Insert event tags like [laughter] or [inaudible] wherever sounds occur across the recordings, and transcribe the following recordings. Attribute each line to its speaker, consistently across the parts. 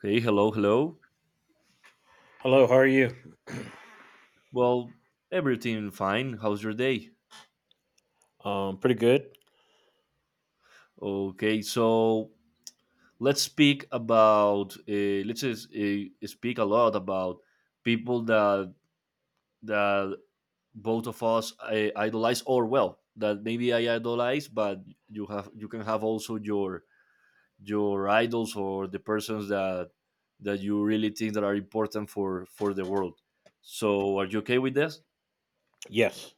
Speaker 1: Hey, hello, hello.
Speaker 2: Hello, how are you?
Speaker 1: Well, everything fine. How's your day?
Speaker 2: Pretty good.
Speaker 1: Okay, so let's just speak a lot about people that both of us idolize, or well, that maybe I idolize, but you can have also your idols or the persons that you really think that are important for the world. So, are you okay with this?
Speaker 2: Yes,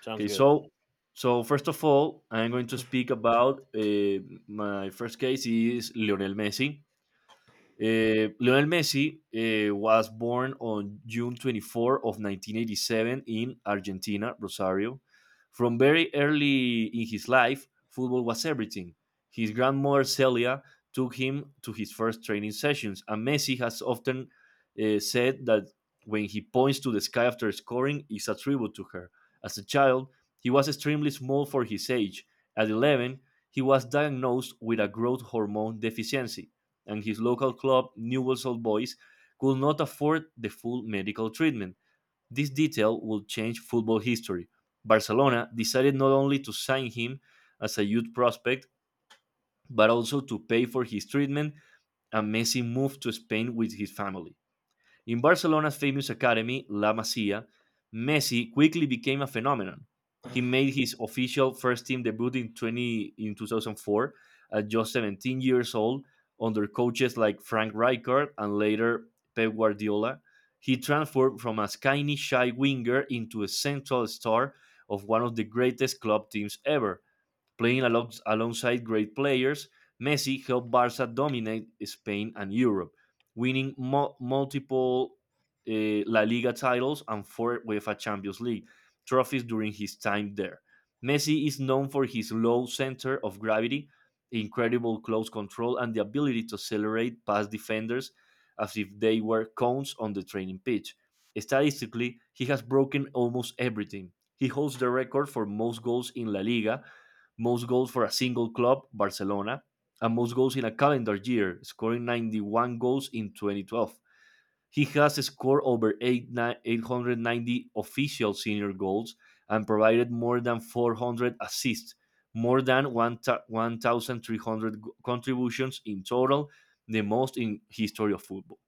Speaker 2: sounds
Speaker 1: Okay,
Speaker 2: good.
Speaker 1: so first of all, I'm going to speak about my first case is Lionel Messi. Lionel Messi was born on June 24 of 1987 in Argentina, Rosario. From very early in his life, football was everything. His grandmother Celia took him to his first training sessions, and Messi has often said that when he points to the sky after scoring, it's a tribute to her. As a child, he was extremely small for his age. At 11, he was diagnosed with a growth hormone deficiency and his local club, Newell's Old Boys, could not afford the full medical treatment. This detail would change football history. Barcelona decided not only to sign him as a youth prospect, but also to pay for his treatment, and Messi moved to Spain with his family. In Barcelona's famous academy, La Masia, Messi quickly became a phenomenon. He made his official first team debut in 2004 at just 17 years old under coaches like Frank Rijkaard and later Pep Guardiola. He transformed from a skinny shy winger into a central star of one of the greatest club teams ever. Alongside great players, Messi helped Barca dominate Spain and Europe, winning multiple La Liga titles and four UEFA Champions League trophies during his time there. Messi is known for his low center of gravity, incredible close control, and the ability to accelerate past defenders as if they were cones on the training pitch. Statistically, he has broken almost everything. He holds the record for most goals in La Liga, most goals for a single club, Barcelona, and most goals in a calendar year, scoring 91 goals in 2012. He has scored over 890 official senior goals and provided more than 400 assists, more than 1,300 contributions in total, the most in history of football.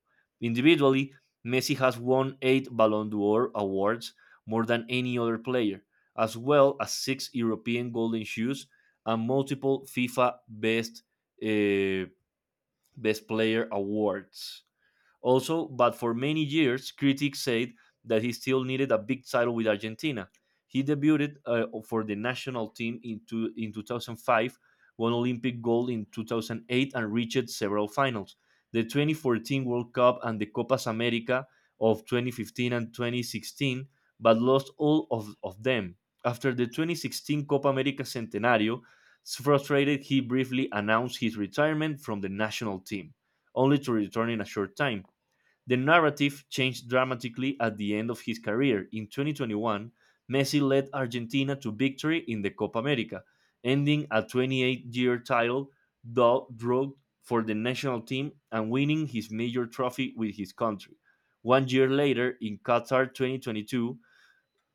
Speaker 1: Individually, Messi has won 8 Ballon d'Or awards, more than any other player, as well as 6 European Golden Shoes and multiple FIFA uh, Best Player awards. Also, but for many years, critics said that he still needed a big title with Argentina. He debuted for the national team in 2005, won Olympic gold in 2008, and reached several finals. The 2014 World Cup and the Copas America of 2015 and 2016, but lost all of them. After the 2016 Copa America Centenario, frustrated, he briefly announced his retirement from the national team, only to return in a short time. The narrative changed dramatically at the end of his career. In 2021, Messi led Argentina to victory in the Copa America, ending a 28-year title drought for the national team and winning his major trophy with his country. One year later, in Qatar 2022,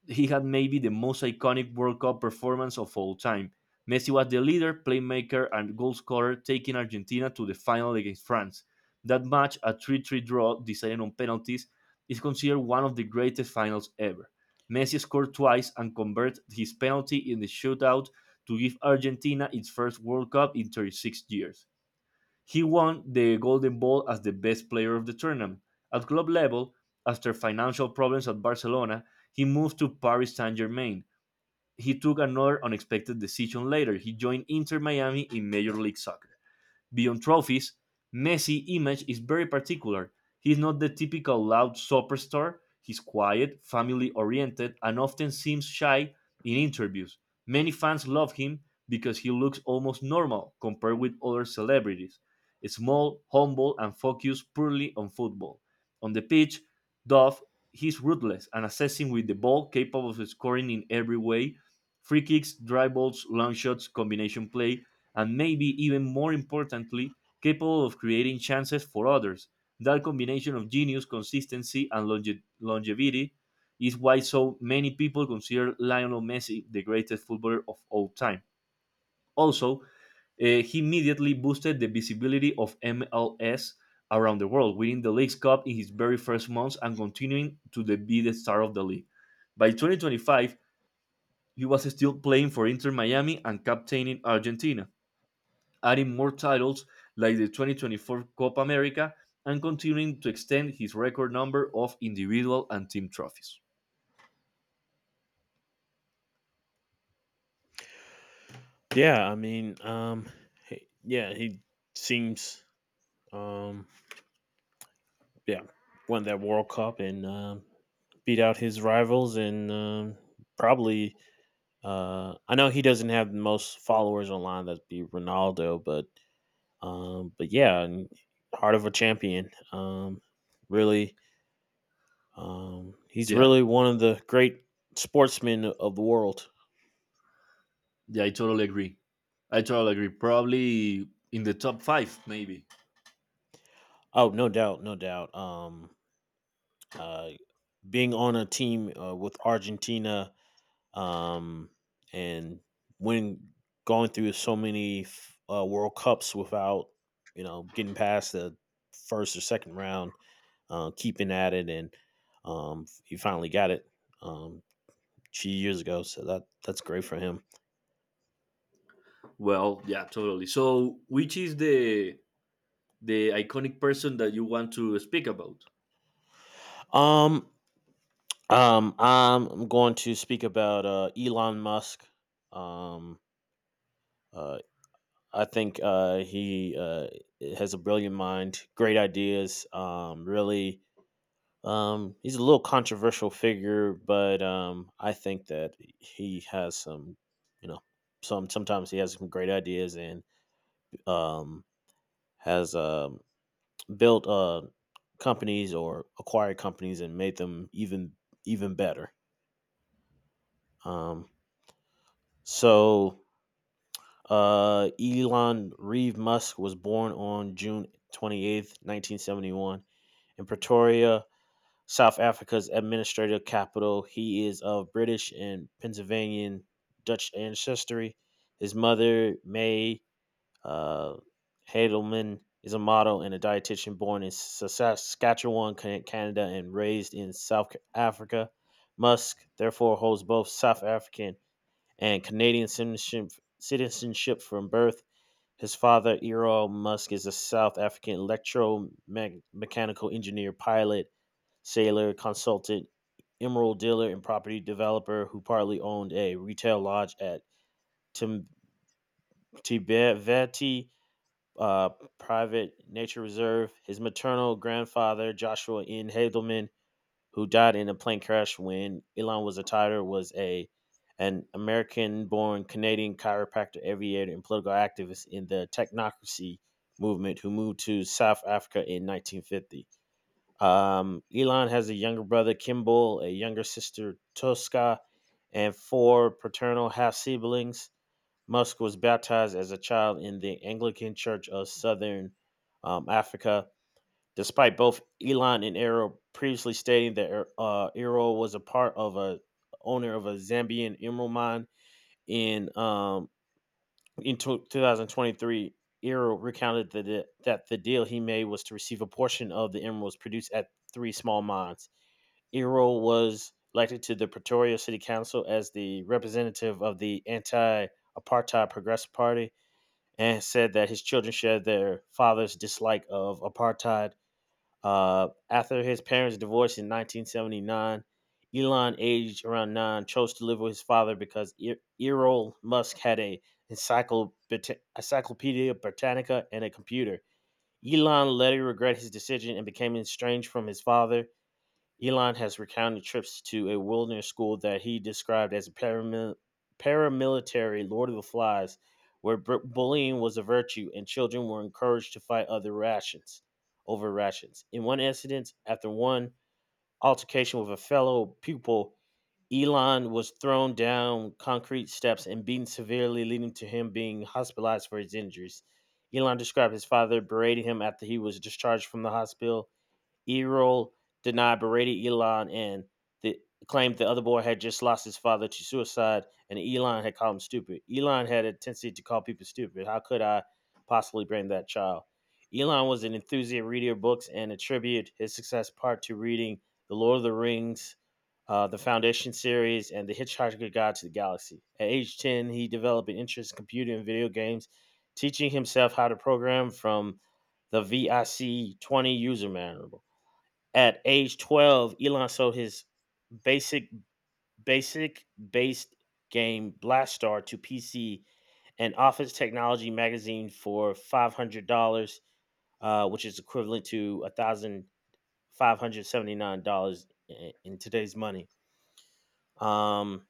Speaker 1: he had maybe the most iconic World Cup performance of all time. Messi was the leader, playmaker, and goalscorer, taking Argentina to the final against France. That match, a 3-3 draw decided on penalties, is considered one of the greatest finals ever. Messi scored twice and converted his penalty in the shootout to give Argentina its first World Cup in 36 years. He won the Golden Ball as the best player of the tournament. At club level, after financial problems at Barcelona, he moved to Paris Saint Germain. He took another unexpected decision later. He joined Inter Miami in Major League Soccer. Beyond trophies, Messi's image is very particular. He's not the typical loud superstar. He's quiet, family oriented, and often seems shy in interviews. Many fans love him because he looks almost normal compared with other celebrities. Small, humble, and focused purely on football. On the pitch, Dove, he's ruthless and assessing with the ball, capable of scoring in every way: free kicks, dry balls, long shots, combination play, and maybe even more importantly, capable of creating chances for others. That combination of genius, consistency, and longevity is why so many people consider Lionel Messi the greatest footballer of all time. Also, he immediately boosted the visibility of MLS around the world, winning the League's Cup in his very first months and continuing to be the star of the league. By 2025, he was still playing for Inter Miami and captaining Argentina, adding more titles like the 2024 Copa America and continuing to extend his record number of individual and team trophies.
Speaker 2: Yeah, I mean, yeah, he seems, um, yeah, won that World Cup, and beat out his rivals, and probably I know he doesn't have the most followers online. That'd be Ronaldo, but yeah, and heart of a champion. Really, he's
Speaker 1: Yeah,
Speaker 2: really one of the great sportsmen of the world.
Speaker 1: yeah, I totally agree. I totally agree. Probably in the top five, maybe.
Speaker 2: Oh, no doubt, no doubt. Uh, Being on a team with Argentina, um, and when going through so many World Cups without getting past the first or second round, keeping at it, and he finally got it um, 2 years ago. So that's great for him.
Speaker 1: Well, yeah, totally. So, which is the iconic person that you want to speak about?
Speaker 2: Um, I'm going to speak about Elon Musk. Um, uh, I think he has a brilliant mind, great ideas. Really, he's a little controversial figure, but I think that he has some, you know, sometimes he has some great ideas, and um, has built companies or acquired companies and made them even better. Um, so Elon Reeve Musk was born on June 28th, 1971, in Pretoria, South Africa's administrative capital. He is of British and Pennsylvanian Dutch ancestry. His mother, May Uh, Heidelman, is a model and a dietitian, born in Saskatchewan, Canada, and raised in South Africa. Musk therefore holds both South African and Canadian citizenship from birth. His father, Errol Musk, is a South African electromechanical engineer, pilot, sailor, consultant, emerald dealer, and property developer who partly owned a retail lodge at Tim- uh, private nature reserve. His maternal grandfather, Joshua N. Hadelman, who died in a plane crash when Elon was a toddler, was a an American-born Canadian chiropractor, aviator, and political activist in the technocracy movement who moved to South Africa in 1950. Elon has a younger brother, Kimball, a younger sister, Tosca, and four paternal half siblings. Musk was baptized as a child in the Anglican Church of Southern Africa, despite both Elon and Errol previously stating that Errol was a part of a owner of a Zambian emerald mine in um, in 2023. Errol recounted that the deal he made was to receive a portion of the emeralds produced at three small mines. Errol was elected to the Pretoria City Council as the representative of the anti apartheid Progressive Party, and said that his children shared their father's dislike of apartheid. After his parents' divorce in 1979, Elon, aged around nine, chose to live with his father because Errol Musk had a encyclopedia Britannica and a computer. Elon later regretted his decision and became estranged from his father. Elon has recounted trips to a wilderness school that he described as a paramilitary Lord of the Flies, where bullying was a virtue and children were encouraged to fight other rations over rations. In one incident, after one altercation with a fellow pupil, Elon was thrown down concrete steps and beaten severely, leading to him being hospitalized for his injuries. Elon described his father berating him after he was discharged from the hospital. Erol denied berated Elon and the, claimed the other boy had just lost his father to suicide, and Elon had called him stupid. Elon had a tendency to call people stupid. How could I possibly blame that child? Elon was an enthusiastic reader of books and attributed his success part to reading The Lord of the Rings, the Foundation series, and The Hitchhiker's Guide to the Galaxy. At age 10, he developed an interest in computing and video games, teaching himself how to program from the VIC 20 user manual. At age 12, Elon sold his basic basic based game Blastar to PC and Office Technology magazine for $500, which is equivalent to $1,579 in today's money. Um,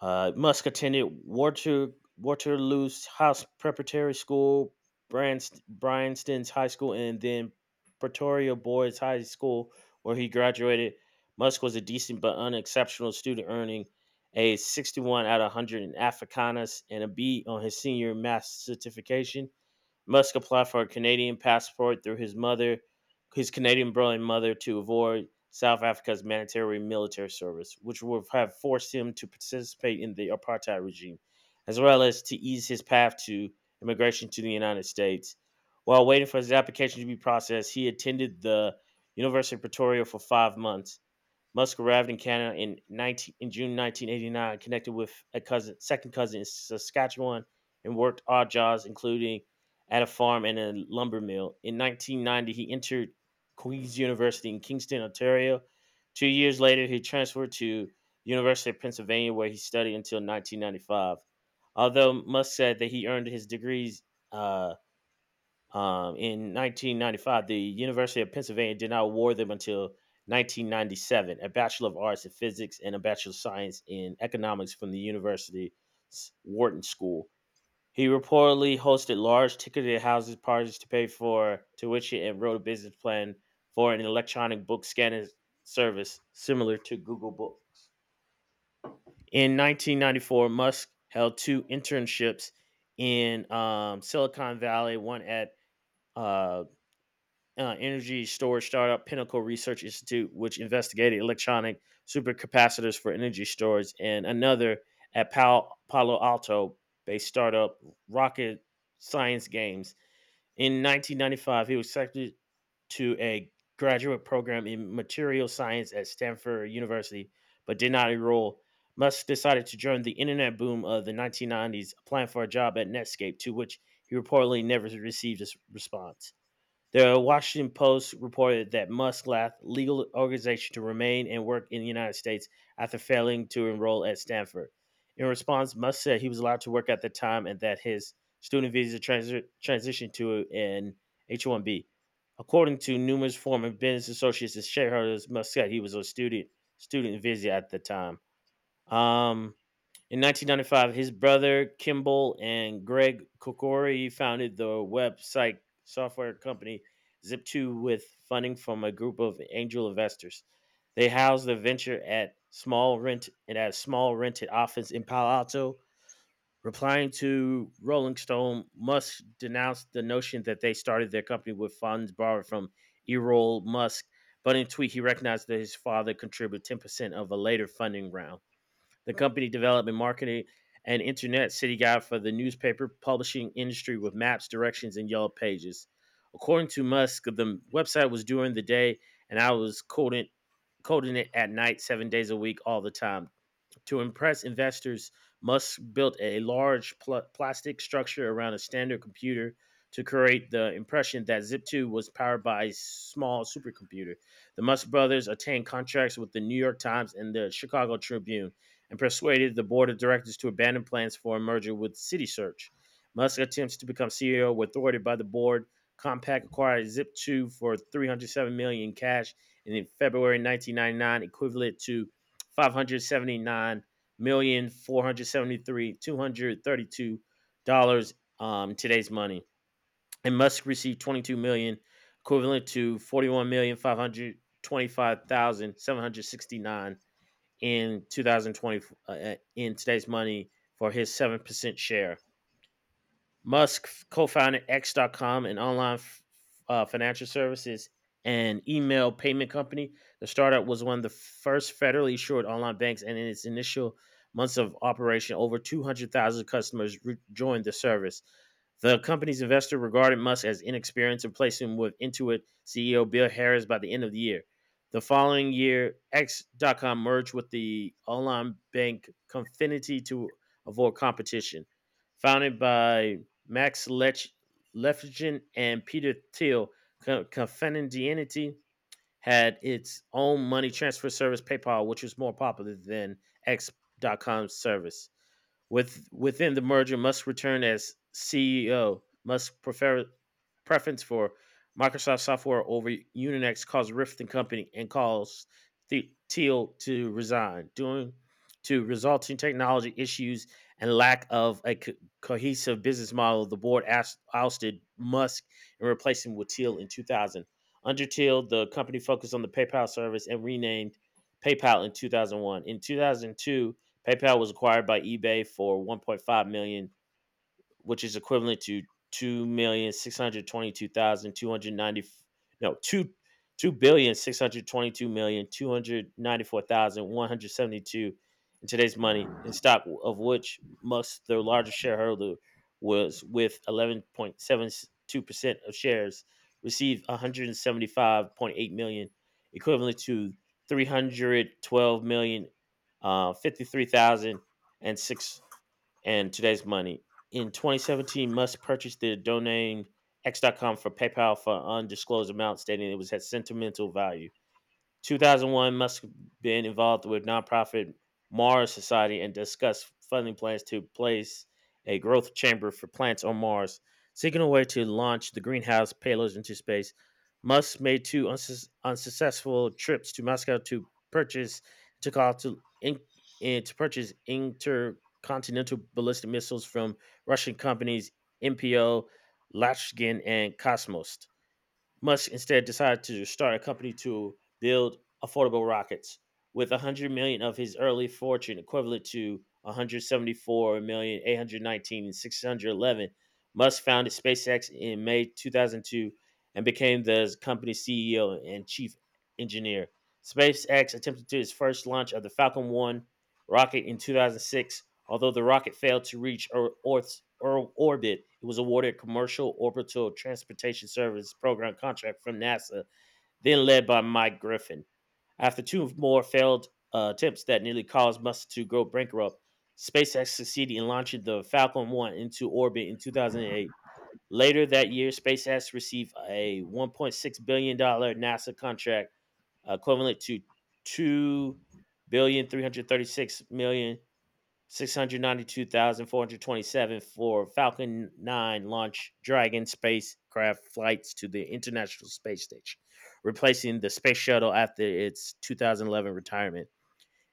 Speaker 2: Musk attended Waterloo's House Preparatory School, Bryanston's High School, and then Pretoria Boys High School, where he graduated. Musk was a decent but unexceptional student, earning a 61 out of 100 in Africanus and a B on his senior math certification. Musk applied for a Canadian passport through his mother, his Canadian brother mother, to avoid South Africa's mandatory military service, which would have forced him to participate in the apartheid regime, as well as to ease his path to immigration to the United States. While waiting for his application to be processed, he attended the University of Pretoria for 5 months. Musk arrived in Canada in June 1989, connected with a second cousin in Saskatchewan, and worked odd jobs, including at a farm and a lumber mill. In 1990, he entered Queen's University in Kingston, Ontario. 2 years later, he transferred to University of Pennsylvania, where he studied until 1995. Although Musk said that he earned his degrees uh, in 1995, the University of Pennsylvania did not award them until 1997, a Bachelor of Arts in Physics and a Bachelor of Science in Economics from the university's Wharton School. He reportedly hosted large ticketed houses parties to pay for tuition and wrote a business plan for an electronic book scanning service similar to Google Books. In 1994, Musk held two internships in Silicon Valley, one at uh, energy storage startup Pinnacle Research Institute, which investigated electronic supercapacitors for energy storage, and another at Palo Alto based startup Rocket Science Games. In 1995, he was accepted to a graduate program in material science at Stanford University, but did not enroll. Musk decided to join the internet boom of the 1990s, applying for a job at Netscape, to which he reportedly never received a response. The Washington Post reported that Musk left legal organization to remain and work in the United States after failing to enroll at Stanford. In response, Musk said he was allowed to work at the time and that his student visa transitioned to an H-1B. According to numerous former business associates and shareholders, Musk said he was on student visa at the time. Um, in 1995, his brother Kimball and Greg Kokori founded the website software company Zip2 with funding from a group of angel investors. They housed the venture at small rent and at a small rented office in Palo Alto. Replying to Rolling Stone, Musk denounced the notion that they started their company with funds borrowed from Errol Musk, but in a tweet he recognized that his father contributed 10% of a later funding round the company development, marketing, and internet city guide for the newspaper publishing industry with maps, directions, and yellow pages. According to Musk, the website was during the day, and I was coding it at night, 7 days a week, all the time. To impress investors, Musk built a large plastic structure around a standard computer to create the impression that Zip2 was powered by a small supercomputer. The Musk brothers obtained contracts with the New York Times and the Chicago Tribune and persuaded the board of directors to abandon plans for a merger with CitySearch. Musk attempts to become CEO were thwarted by the board. Compaq acquired Zip2 for $307 million in cash and in February 1999, equivalent to five hundred seventy nine million four hundred seventy three two hundred thirty two dollars today's money, and Musk received $22 million, equivalent to 41,525,769 in two thousand twenty in today's money for his 7% share. Musk co-founded X. dot com, an online financial services and email payment company. The startup was one of the first federally insured online banks, and in its initial months of operation, over 200,000 customers joined the service. The company's investor regarded Musk as inexperienced and placed him with Intuit CEO Bill Harris by the end of the year. The following year, X. dot com merged with the online bank Confinity to avoid competition. Founded by Max Lefgen and Peter Thiel, Confidendianity had its own money transfer service, PayPal, which was more popular than X Dot X.com service. Within the merger, Musk returned as CEO. Musk preference for Microsoft software over Uninex caused rift in company and caused Teal to resign, due to resulting technology issues and lack of a cohesive business model. The board ousted Musk and replaced him with Teal in 2000. Under Teal, the company focused on the PayPal service and renamed PayPal in 2001. In 2002, PayPal was acquired by eBay for $1.5 million, which is equivalent to 2,622,290. No, two billion six hundred twenty-two million two hundred ninety-four thousand one hundred seventy-two in today's money in stock, of which Musk, the largest shareholder, was with 11.72% of shares, received 175.8 million, equivalent to 312 million, 53,006 and today's money. In 2017, must purchase the domain x.com for PayPal for undisclosed amount, stating it was at sentimental value. 2001, Musk been involved with nonprofit Mars Society and discussed funding plans to place a growth chamber for plants on Mars, seeking a way to launch the greenhouse payloads into space. Musk made two unsuccessful trips to Moscow to purchase, to call to in, and to purchase intercontinental ballistic missiles from Russian companies MPO, Lashkin, and Cosmos. Musk instead decided to start a company to build affordable rockets with 100 million of his early fortune, equivalent to 174 million 819 and 611. Musk founded SpaceX in May 2002 and became the company's CEO and chief engineer. SpaceX attempted to its first launch of the Falcon 1 rocket in 2006. Although the rocket failed to reach Earth's orbit, it was awarded a commercial orbital transportation service program contract from NASA, then led by Mike Griffin. After two more failed attempts that nearly caused Musk to go bankrupt, SpaceX succeeded in launching the Falcon 1 into orbit in 2008. Later that year, SpaceX received a $1.6 billion dollars NASA contract, equivalent to two billion three hundred thirty-six million 692,427, for Falcon 9 launch Dragon spacecraft flights to the International Space Station, replacing the space shuttle after its 2011 retirement.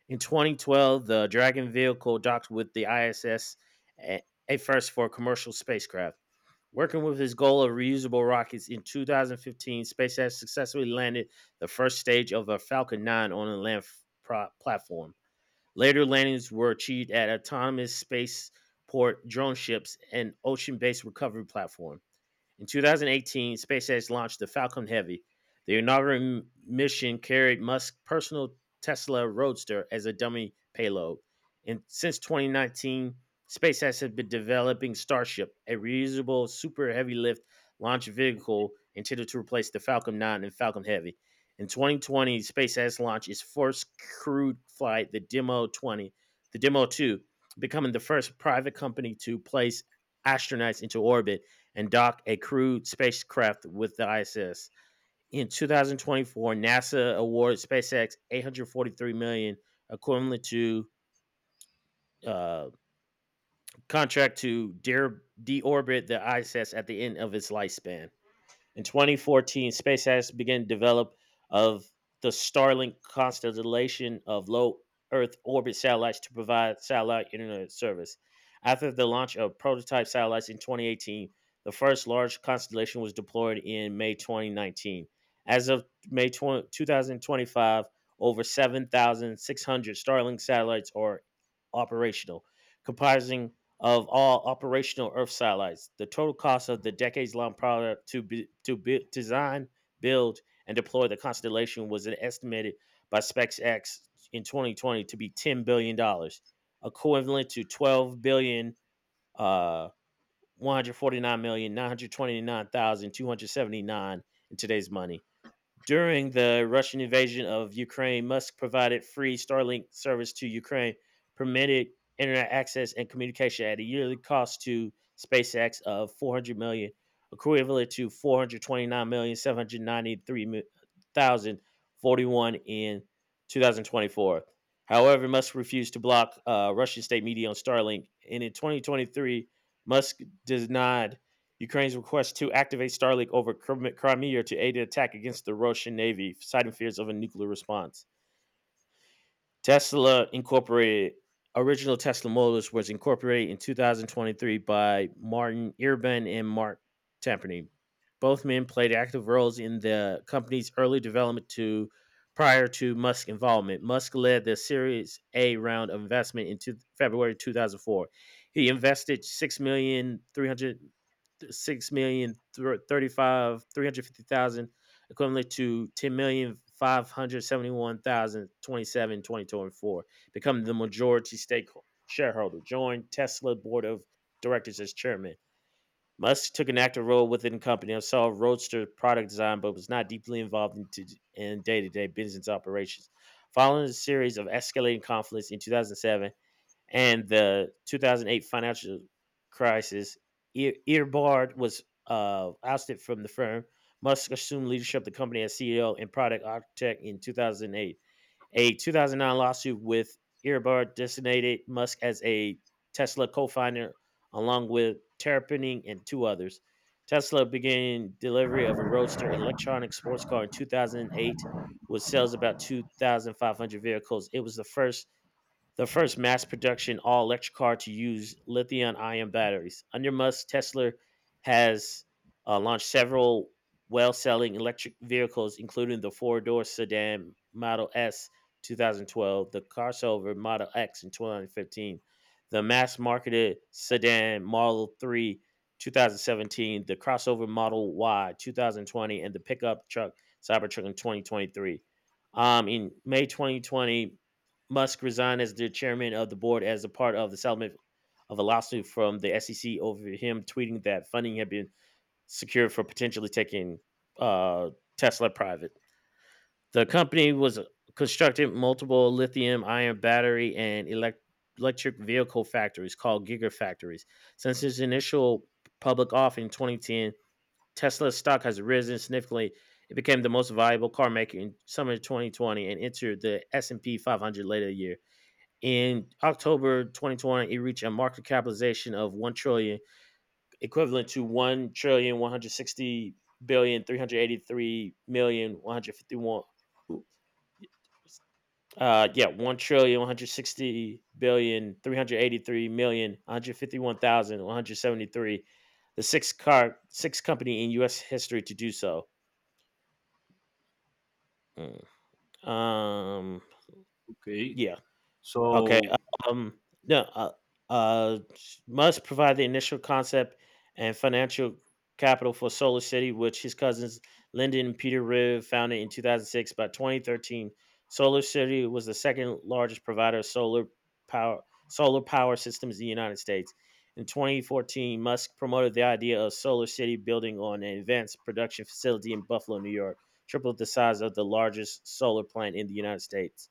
Speaker 2: In 2012, the Dragon vehicle docked with the ISS, a first for commercial spacecraft. Working with his goal of reusable rockets, in 2015, SpaceX successfully landed the first stage of a Falcon 9 on a land platform. Later landings were achieved at autonomous spaceport drone ships and ocean based recovery platform. In 2018, SpaceX launched the Falcon Heavy. The inaugural mission carried Musk's personal Tesla Roadster as a dummy payload. And since 2019, SpaceX has been developing Starship, a reusable super heavy lift launch vehicle intended to replace the Falcon 9 and Falcon Heavy. In 2020, SpaceX launched its first crewed flight, the Demo 2, becoming the first private company to place astronauts into orbit and dock a crewed spacecraft with the ISS. In 2024, NASA awarded SpaceX 843 million, dollars, equivalent to uh, contract to deorbit the ISS at the end of its lifespan. In 2014, SpaceX began development of the Starlink constellation of low Earth orbit satellites to provide satellite internet service. After the launch of prototype satellites in 2018, the first large constellation was deployed in May 2019. As of May 2025, over 7,600 Starlink satellites are operational, comprising of all operational Earth satellites. The total cost of the decades-long project to be, to bu design, build, and deploy the constellation was estimated by SpaceX in 2020 to be $10 billion, equivalent to 12 billion dollars, uh 149,929,279 in today's money. During the Russian invasion of Ukraine, Musk provided free Starlink service to Ukraine, permitted internet access and communication at a yearly cost to SpaceX of 400 million, dollars, equivalent to 429,793,041 in 2024. However, Musk refused to block Russian state media on Starlink, and in 2023, Musk denied Ukraine's request to activate Starlink over Crimea to aid an attack against the Russian Navy, citing fears of a nuclear response. Tesla Incorporated, original Tesla Motors, was incorporated in 2023 by Martin Irben and Mark Tamperney. Both men played active roles in the company's early development to prior to Musk's involvement. Musk led the Series A round of investment in February 2004. He invested six million thirty five three hundred fifty thousand, equivalent to ten million five hundred seventy one thousand twenty seven twenty two and four. Become the majority stakeholder shareholder. Joined Tesla board of directors as chairman. Musk took an active role within the company and saw Roadster product design, but was not deeply involved in day to day business operations. Following a series of escalating conflicts in 2007, and the 2008 financial crisis, Ear- was ousted from the firm. Musk assumed leadership of the company as CEO and product architect in 2008. A 2009 lawsuit with Earbard designated Musk as a Tesla co-founder, along with Terrapening and two others. Tesla began delivery of a Roadster electronic sports car in 2008 with sales about 2,500 vehicles. It was the first mass production all electric car to use lithium ion batteries. Under Musk, Tesla has launched several well selling electric vehicles, including the four-door sedan Model S 2012, the crossover Model X in 2015, the mass marketed sedan Model 3 2017, the crossover Model Y 2020, and the pickup truck Cybertruck in 2023. In May 2020, Musk resigned as the chairman of the board as a part of the settlement of a lawsuit from the SEC over him tweeting that funding had been secured for potentially taking uh, Tesla private. The company was constructing multiple lithium ion battery and electric vehicle factories called gigafactories. Since its initial public offering in 2010, Tesla's stock has risen significantly. It became the most valuable car maker in summer 2020 and entered the S&P 500 later that year. In October 2020, it reached a market capitalization of 1 trillion, dollars, equivalent to 1,160,383,000,151. Yeah, 1,160,383,151,173. The sixth company in U.S. history to do so. Mm. Um,
Speaker 1: Okay,
Speaker 2: yeah. Okay.
Speaker 1: so
Speaker 2: No. Must provide the initial concept and financial capital for Solar City, which his cousins Lyndon and Peter Riv founded in 2006. By 2013, Solar City was the second largest provider of power solar power systems in the United States. In 2014, Musk promoted the idea of Solar City building on an advanced production facility in Buffalo, New York, triple the size of the largest solar plant in the United States.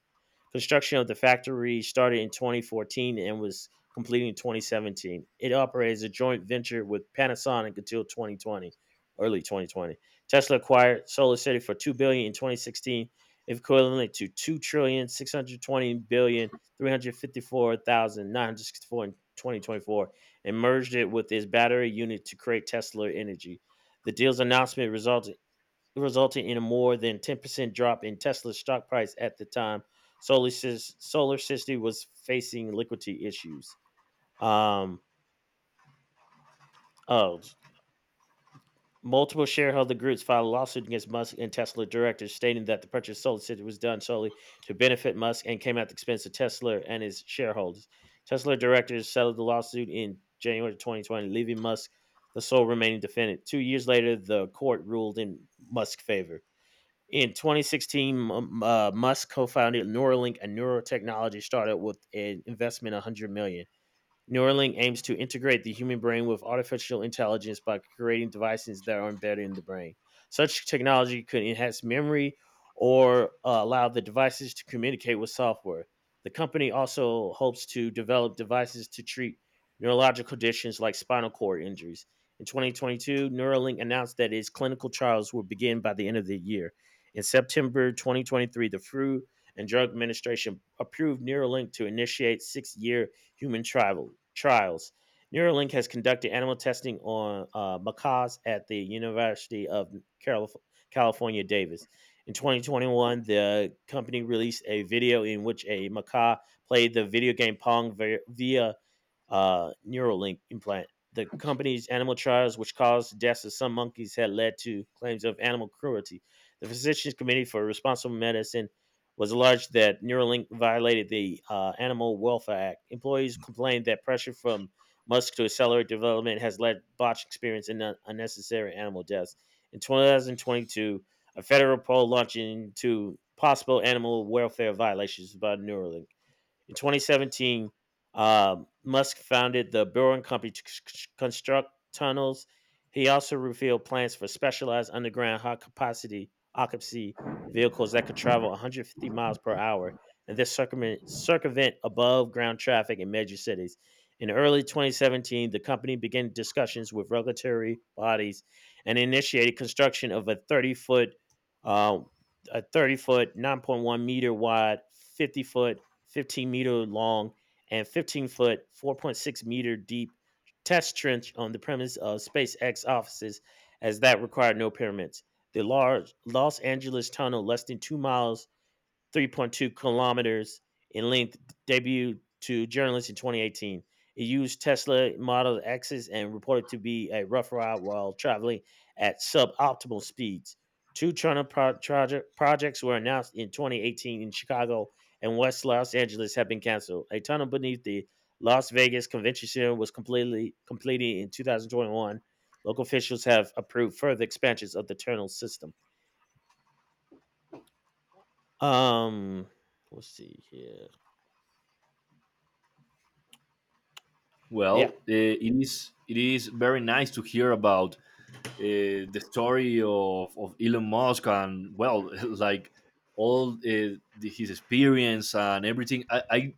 Speaker 2: Construction of the factory started in 2014 and was completed in 2017. It operates a joint venture with Panasonic until 2020, early 2020. Tesla acquired SolarCity for $2 billion in 2016, equivalent to 2,620,000,354,964 in 2024, and merged it with its battery unit to create Tesla Energy. The deal's announcement resulted resulting in a more than 10% drop in Tesla's stock price at the time. Solar City was facing liquidity issues. Um, oh, Multiple shareholder groups filed a lawsuit against Musk and Tesla directors, stating that the purchase of Solar City was done solely to benefit Musk and came at the expense of Tesla and his shareholders. Tesla directors settled the lawsuit in January 2020, leaving Musk the sole remaining defendant. 2 years later, the court ruled in Musk's favor. In 2016, Musk co-founded Neuralink, a neurotechnology startup with an investment of 100 million dollars. Neuralink aims to integrate the human brain with artificial intelligence by creating devices that are embedded in the brain. Such technology could enhance memory or allow the devices to communicate with software. The company also hopes to develop devices to treat neurological conditions like spinal cord injuries. In 2022, Neuralink announced that its clinical trials will begin by the end of the year. In September 2023, the Food and Drug Administration approved Neuralink to initiate 6-year human trials. Neuralink has conducted animal testing on macaws at the University of California, Davis. In 2021, the company released a video in which a macaque played the video game Pong via Neuralink implant. The company's animal trials, which caused deaths of some monkeys, had led to claims of animal cruelty. The Physicians Committee for Responsible Medicine was alleged that Neuralink violated the Animal Welfare Act. Employees complained that pressure from Musk to accelerate development has led botched experience and unnecessary animal deaths. In 2022, a federal poll launched into possible animal welfare violations by Neuralink. In 2017, Musk founded the Boring Company to construct tunnels. He also revealed plans for specialized underground high capacity occupancy vehicles that could travel 150 miles per hour and this circumvent above ground traffic in major cities. In early 2017, the company began discussions with regulatory bodies and initiated construction of a 30 foot, uh, a 30 foot, 9.1-meter wide, 50 foot 15-meter long, and 15 foot, 4.6-meter deep test trench on the premise of SpaceX offices, as that required no permits. The large Los Angeles tunnel, less than 2 miles 3.2 kilometers in length, debuted to journalists in 2018. It used Tesla Model X's and reported to be a rough ride while traveling at suboptimal speeds. Two China projects were announced in 2018 in Chicago and West Los Angeles have been canceled. A tunnel beneath the Las Vegas Convention Center was completely completed in 2021. Local officials have approved further expansions of the tunnel system. Um, let's see here. Yeah,
Speaker 1: well, it is very nice to hear about the story of Elon Musk and well, [laughs] like all the, his experience and everything.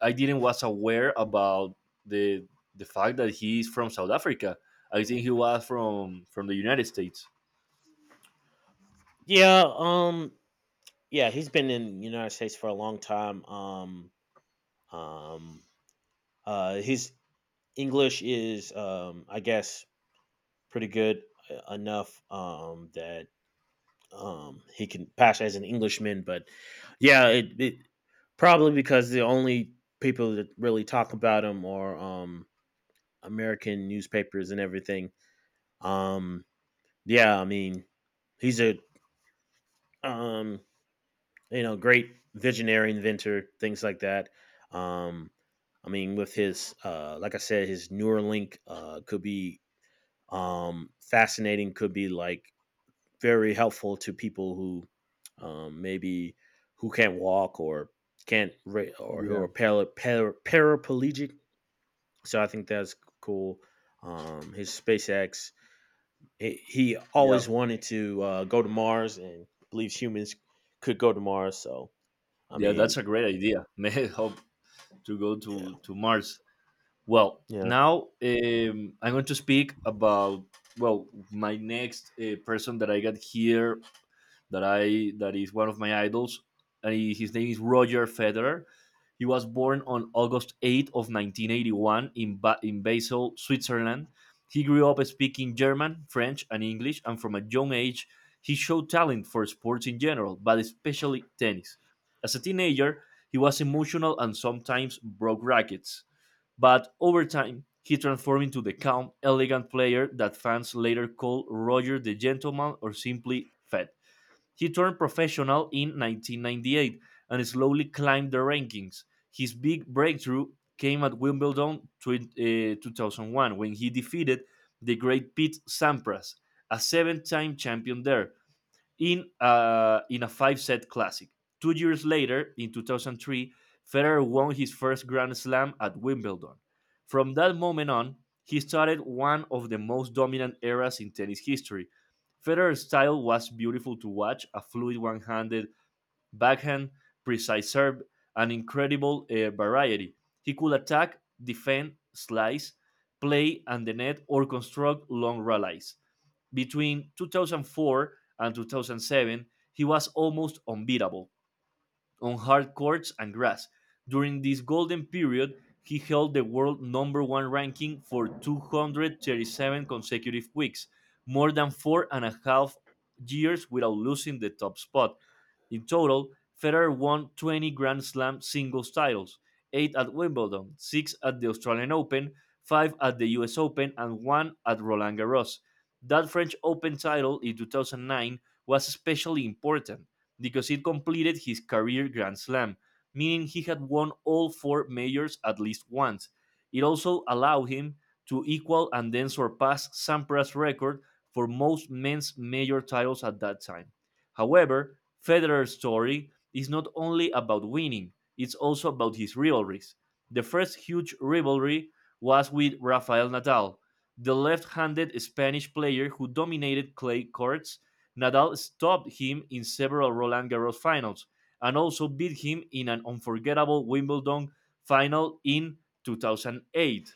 Speaker 1: I didn't was aware about the the fact that he's from South Africa. I think he was from the United States.
Speaker 2: Yeah, um, yeah, he's been in the United States for a long time. Um, his English is, I guess, pretty good enough that he can pass as an Englishman. But yeah, it probably because the only people that really talk about him are American newspapers and everything. Um, yeah, I mean, he's a um, great visionary inventor, things like that. Um, I mean, with his, like I said, his Neuralink could be fascinating, could be like very helpful to people who maybe who can't walk or can't re- or who
Speaker 1: Yeah,
Speaker 2: are paraplegic. So I think that's cool. His SpaceX, he
Speaker 1: yeah,
Speaker 2: always wanted to go to Mars and believes humans could go to Mars. So I
Speaker 1: yeah.
Speaker 2: mean,
Speaker 1: That's a great idea. [laughs] May help to go to Mars. Well,
Speaker 2: Yeah.
Speaker 1: now I'm going to speak about well my next person that I got here that I that is one of my idols, and he, his name is Roger Federer. He was born on August 8th of 1981 in Basel, Switzerland. He grew up speaking German, French, and English, and from a young age, he showed talent for sports in general, but especially tennis. As a teenager, he was emotional and sometimes broke rackets, but over time, he transformed into the calm, elegant player that fans later called Roger the Gentleman or simply Fed. He turned professional in 1998 and slowly climbed the rankings. His big breakthrough came at Wimbledon 2001 when he defeated the great Pete Sampras, a seven time champion there, in a five set classic. 2 years later, in 2003, Federer won his first Grand Slam at Wimbledon. From that moment on, he started one of the most dominant eras in tennis history. Federer's style was beautiful to watch: a fluid one handed backhand, precise serve, and incredible variety. He could attack, defend, slice, play and the net, or construct long rallies. Between 2004 and 2007, he was almost unbeatable on hard courts and grass. During this golden period, he held the world number one ranking for 237 consecutive weeks, more than 4.5 years without losing the top spot. In total, Federer won 20 Grand Slam singles titles, 8 at Wimbledon, 6 at the Australian Open, 5 at the US Open, and 1 at Roland Garros. That French Open title in 2009 was especially important because it completed his career Grand Slam, meaning he had won all four majors at least once. It also allowed him to equal and then surpass Sampras' record for most men's major titles at that time. However, Federer's story is not only about winning, it's also about his rivalries. The first huge rivalry was with Rafael Nadal, the left handed Spanish player who dominated clay courts. Nadal stopped him in several Roland Garros finals and also beat him in an unforgettable Wimbledon final in 2008,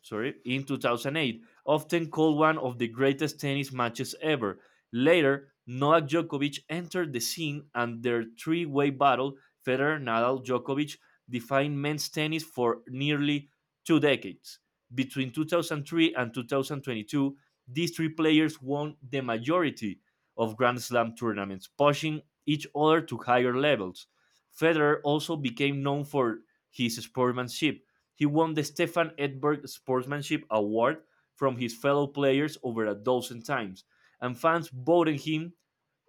Speaker 1: sorry, in 2008, often called one of the greatest tennis matches ever. Later, Novak Djokovic entered the scene and their three-way battle, Federer, Nadal, Djokovic, defined men's tennis for nearly two decades. Between 2003 and 2022, these three players won the majority of Grand Slam tournaments, pushing each other to higher levels. Federer also became known for his sportsmanship. He won the Stefan Edberg Sportsmanship Award from his fellow players over a dozen times, and fans voted him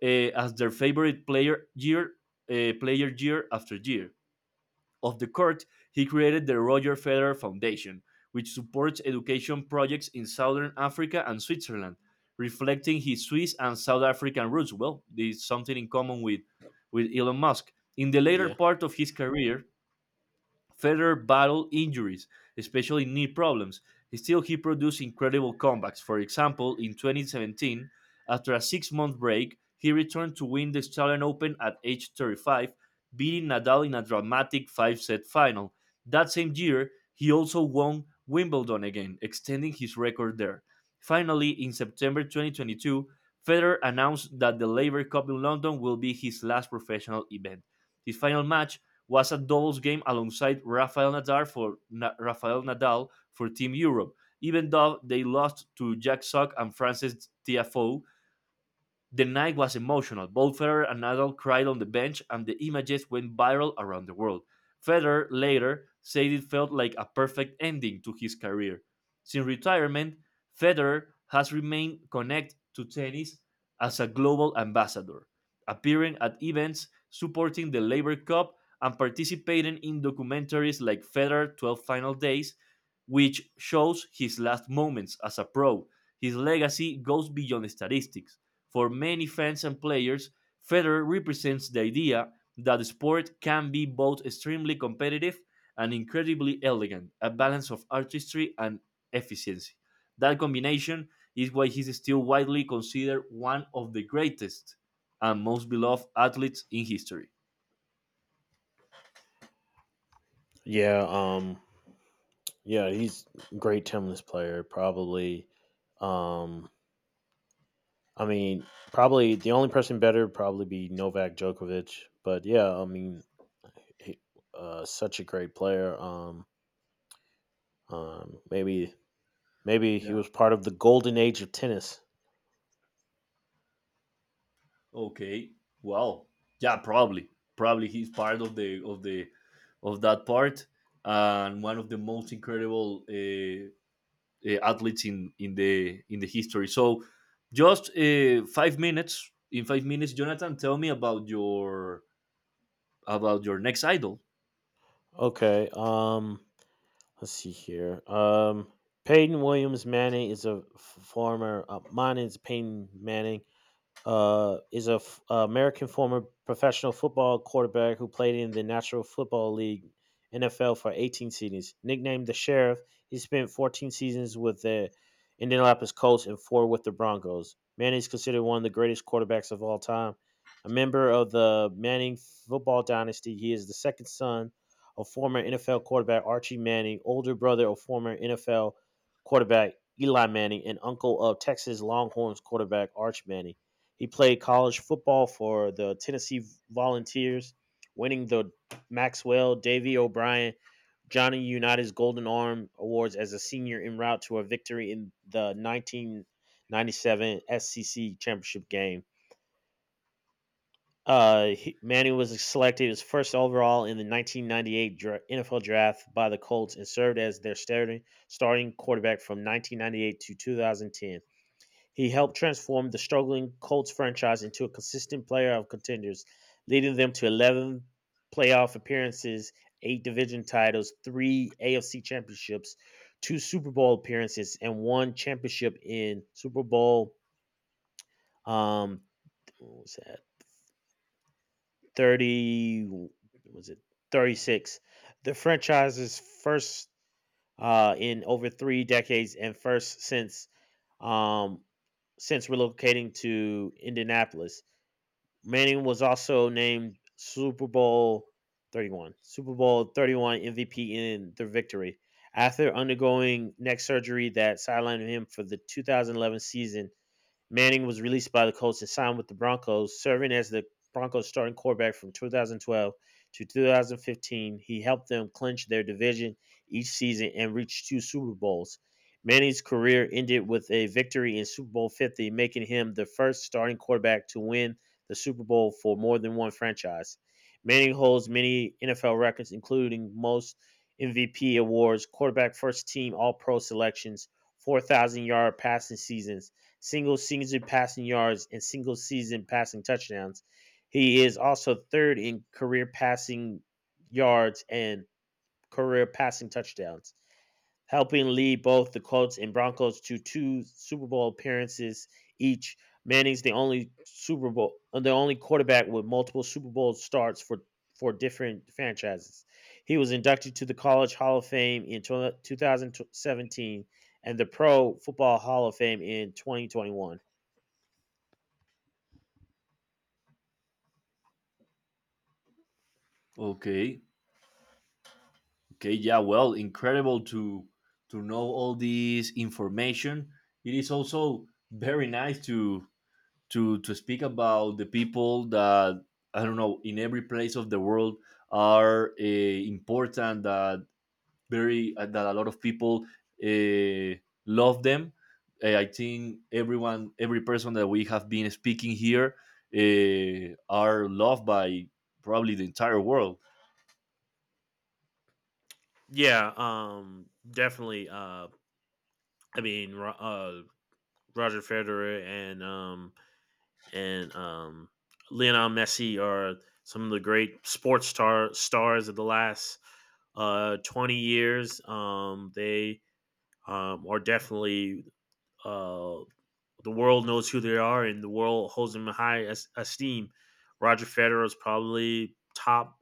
Speaker 1: as their favorite player year after year. Off the court, he created the Roger Federer Foundation, which supports education projects in Southern Africa and Switzerland, reflecting his Swiss and South African roots. Well, there's something in common with Elon Musk. In the later
Speaker 2: Yeah.
Speaker 1: part of his career, Federer battled injuries, especially knee problems. Still, he produced incredible comebacks. For example, in 2017, after a 6-month break, he returned to win the Australian Open at age 35, beating Nadal in a dramatic five set final. That same year, he also won Wimbledon again, extending his record there. Finally, in September 2022, Federer announced that the Labour Cup in London will be his last professional event. His final match was at doubles game alongside Rafael Nadal for Team Europe, even though they lost to Jack Sock and Frances Tiafoe. The night was emotional. Both Federer and Nadal cried on the bench, and the images went viral around the world. Federer later said it felt like a perfect ending to his career. Since retirement, Federer has remained connected to tennis as a global ambassador, appearing at events, supporting the Labor Cup, and participating in documentaries like Federer 12 Final Days, which shows his last moments as a pro. His legacy goes beyond statistics. For many fans and players, Federer represents the idea that the sport can be both extremely competitive and incredibly elegant, a balance of artistry and efficiency. That combination is why he's still widely considered one of the greatest and most beloved athletes in history.
Speaker 2: Yeah, um yeah, he's a great Timless player. Probably um I mean, probably the only person better would probably be Novak Djokovic, but yeah, I mean, he, such a great player. um maybe maybe he
Speaker 1: Yeah.
Speaker 2: was part of the golden age of tennis.
Speaker 1: Okay. Well. Yeah. Probably he's part of the of that part and one of the most incredible athletes in the history. So just 5 minutes. In 5 minutes, Jonathan, tell me about your next idol.
Speaker 2: Okay. Let's see here. Peyton Williams Manning is a f- former mine is Peyton Manning, is a American former professional football quarterback who played in the National Football League NFL for 18 seasons. Nicknamed the Sheriff, he spent 14 seasons with the Indianapolis Colts and four with the Broncos. Manning is considered one of the greatest quarterbacks of all time. A member of the Manning football dynasty, he is the second son of former NFL quarterback Archie Manning, older brother of former NFL quarterback Eli Manning, and uncle of Texas Longhorns quarterback Arch Manning. He played college football for the Tennessee Volunteers, winning the Maxwell, Davy O'Brien, Johnny Unitas Golden Arm Awards as a senior en route to a victory in the 1997 SCC championship game. Manning was selected as first overall in the 1998 NFL draft by the Colts and served as their starting quarterback from 1998 to 2010. He helped transform the struggling Colts franchise into a consistent player of contenders, leading them to 11 playoff appearances, eight division titles, three AFC championships, two Super Bowl appearances, and one championship in Super Bowl um, what was that? 30 was it 36, the franchise's first in over three decades and first um, since relocating to indianapolis. Manning was also named Super Bowl 31 MVP in their victory. After undergoing neck surgery that sidelined him for the 2011 season, Manning was released by the Colts and signed with the Broncos, serving as the Broncos starting quarterback from 2012 to 2015. He helped them clinch their division each season and reach two Super Bowls. Manning's career ended with a victory in Super Bowl 50, making him the first starting quarterback to win the Super Bowl for more than one franchise. Manning holds many NFL records, including most MVP awards, quarterback first team All Pro selections, 4,000 yard passing seasons, single season passing yards and single season passing touchdowns. He is also third in career passing yards and career passing touchdowns, helping lead both the Colts and Broncos to two Super Bowl appearances each. Manning's the only quarterback with multiple Super Bowl starts for different franchises. He was inducted to the College Hall of Fame in 2017 and the Pro Football Hall of Fame in 2021.
Speaker 1: Okay. Okay. Yeah. Well, incredible to know all this information. It is also very nice to speak about the people that I don't know in every place of the world are important that a lot of people uh, love them. I think everyone, every person that we have been speaking here, are loved by probably the entire world.
Speaker 2: Yeah, definitely. I mean, Roger Federer and and um Lionel Messi are some of the great sports stars of the last 20 years. They are definitely uh the world knows who they are and the world holds them in high esteem. Roger Federer is probably top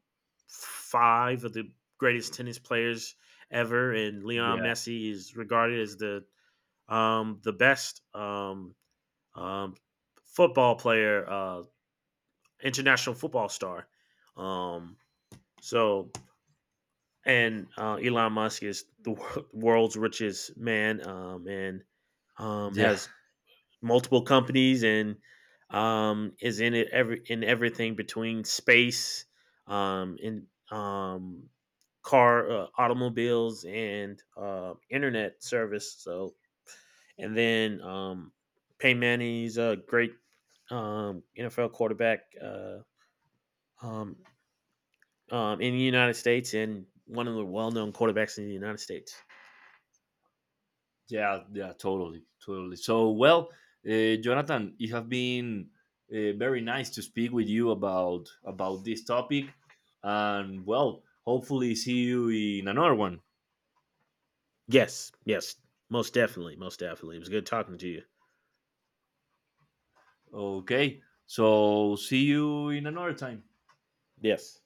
Speaker 2: five of the greatest tennis players ever, and Lionel
Speaker 1: Yeah,
Speaker 2: Messi is regarded as the best um, football player, international football star. Um, so, and Elon Musk is the world's richest man, and
Speaker 1: yeah,
Speaker 2: has multiple companies and is in it every in everything between space, in car, automobiles, and internet service. So, and then Peyton Manning's a great NFL quarterback um, in the United States and one of the well-known quarterbacks in the United States.
Speaker 1: yeah, yeah. Totally, totally. So, well, Jonathan, it has been very nice to speak with you about this topic, and well, hopefully see you in another one.
Speaker 2: Yes, yes, most definitely, most definitely. It was good talking to you.
Speaker 1: Okay, so see you in another time.
Speaker 2: Yes.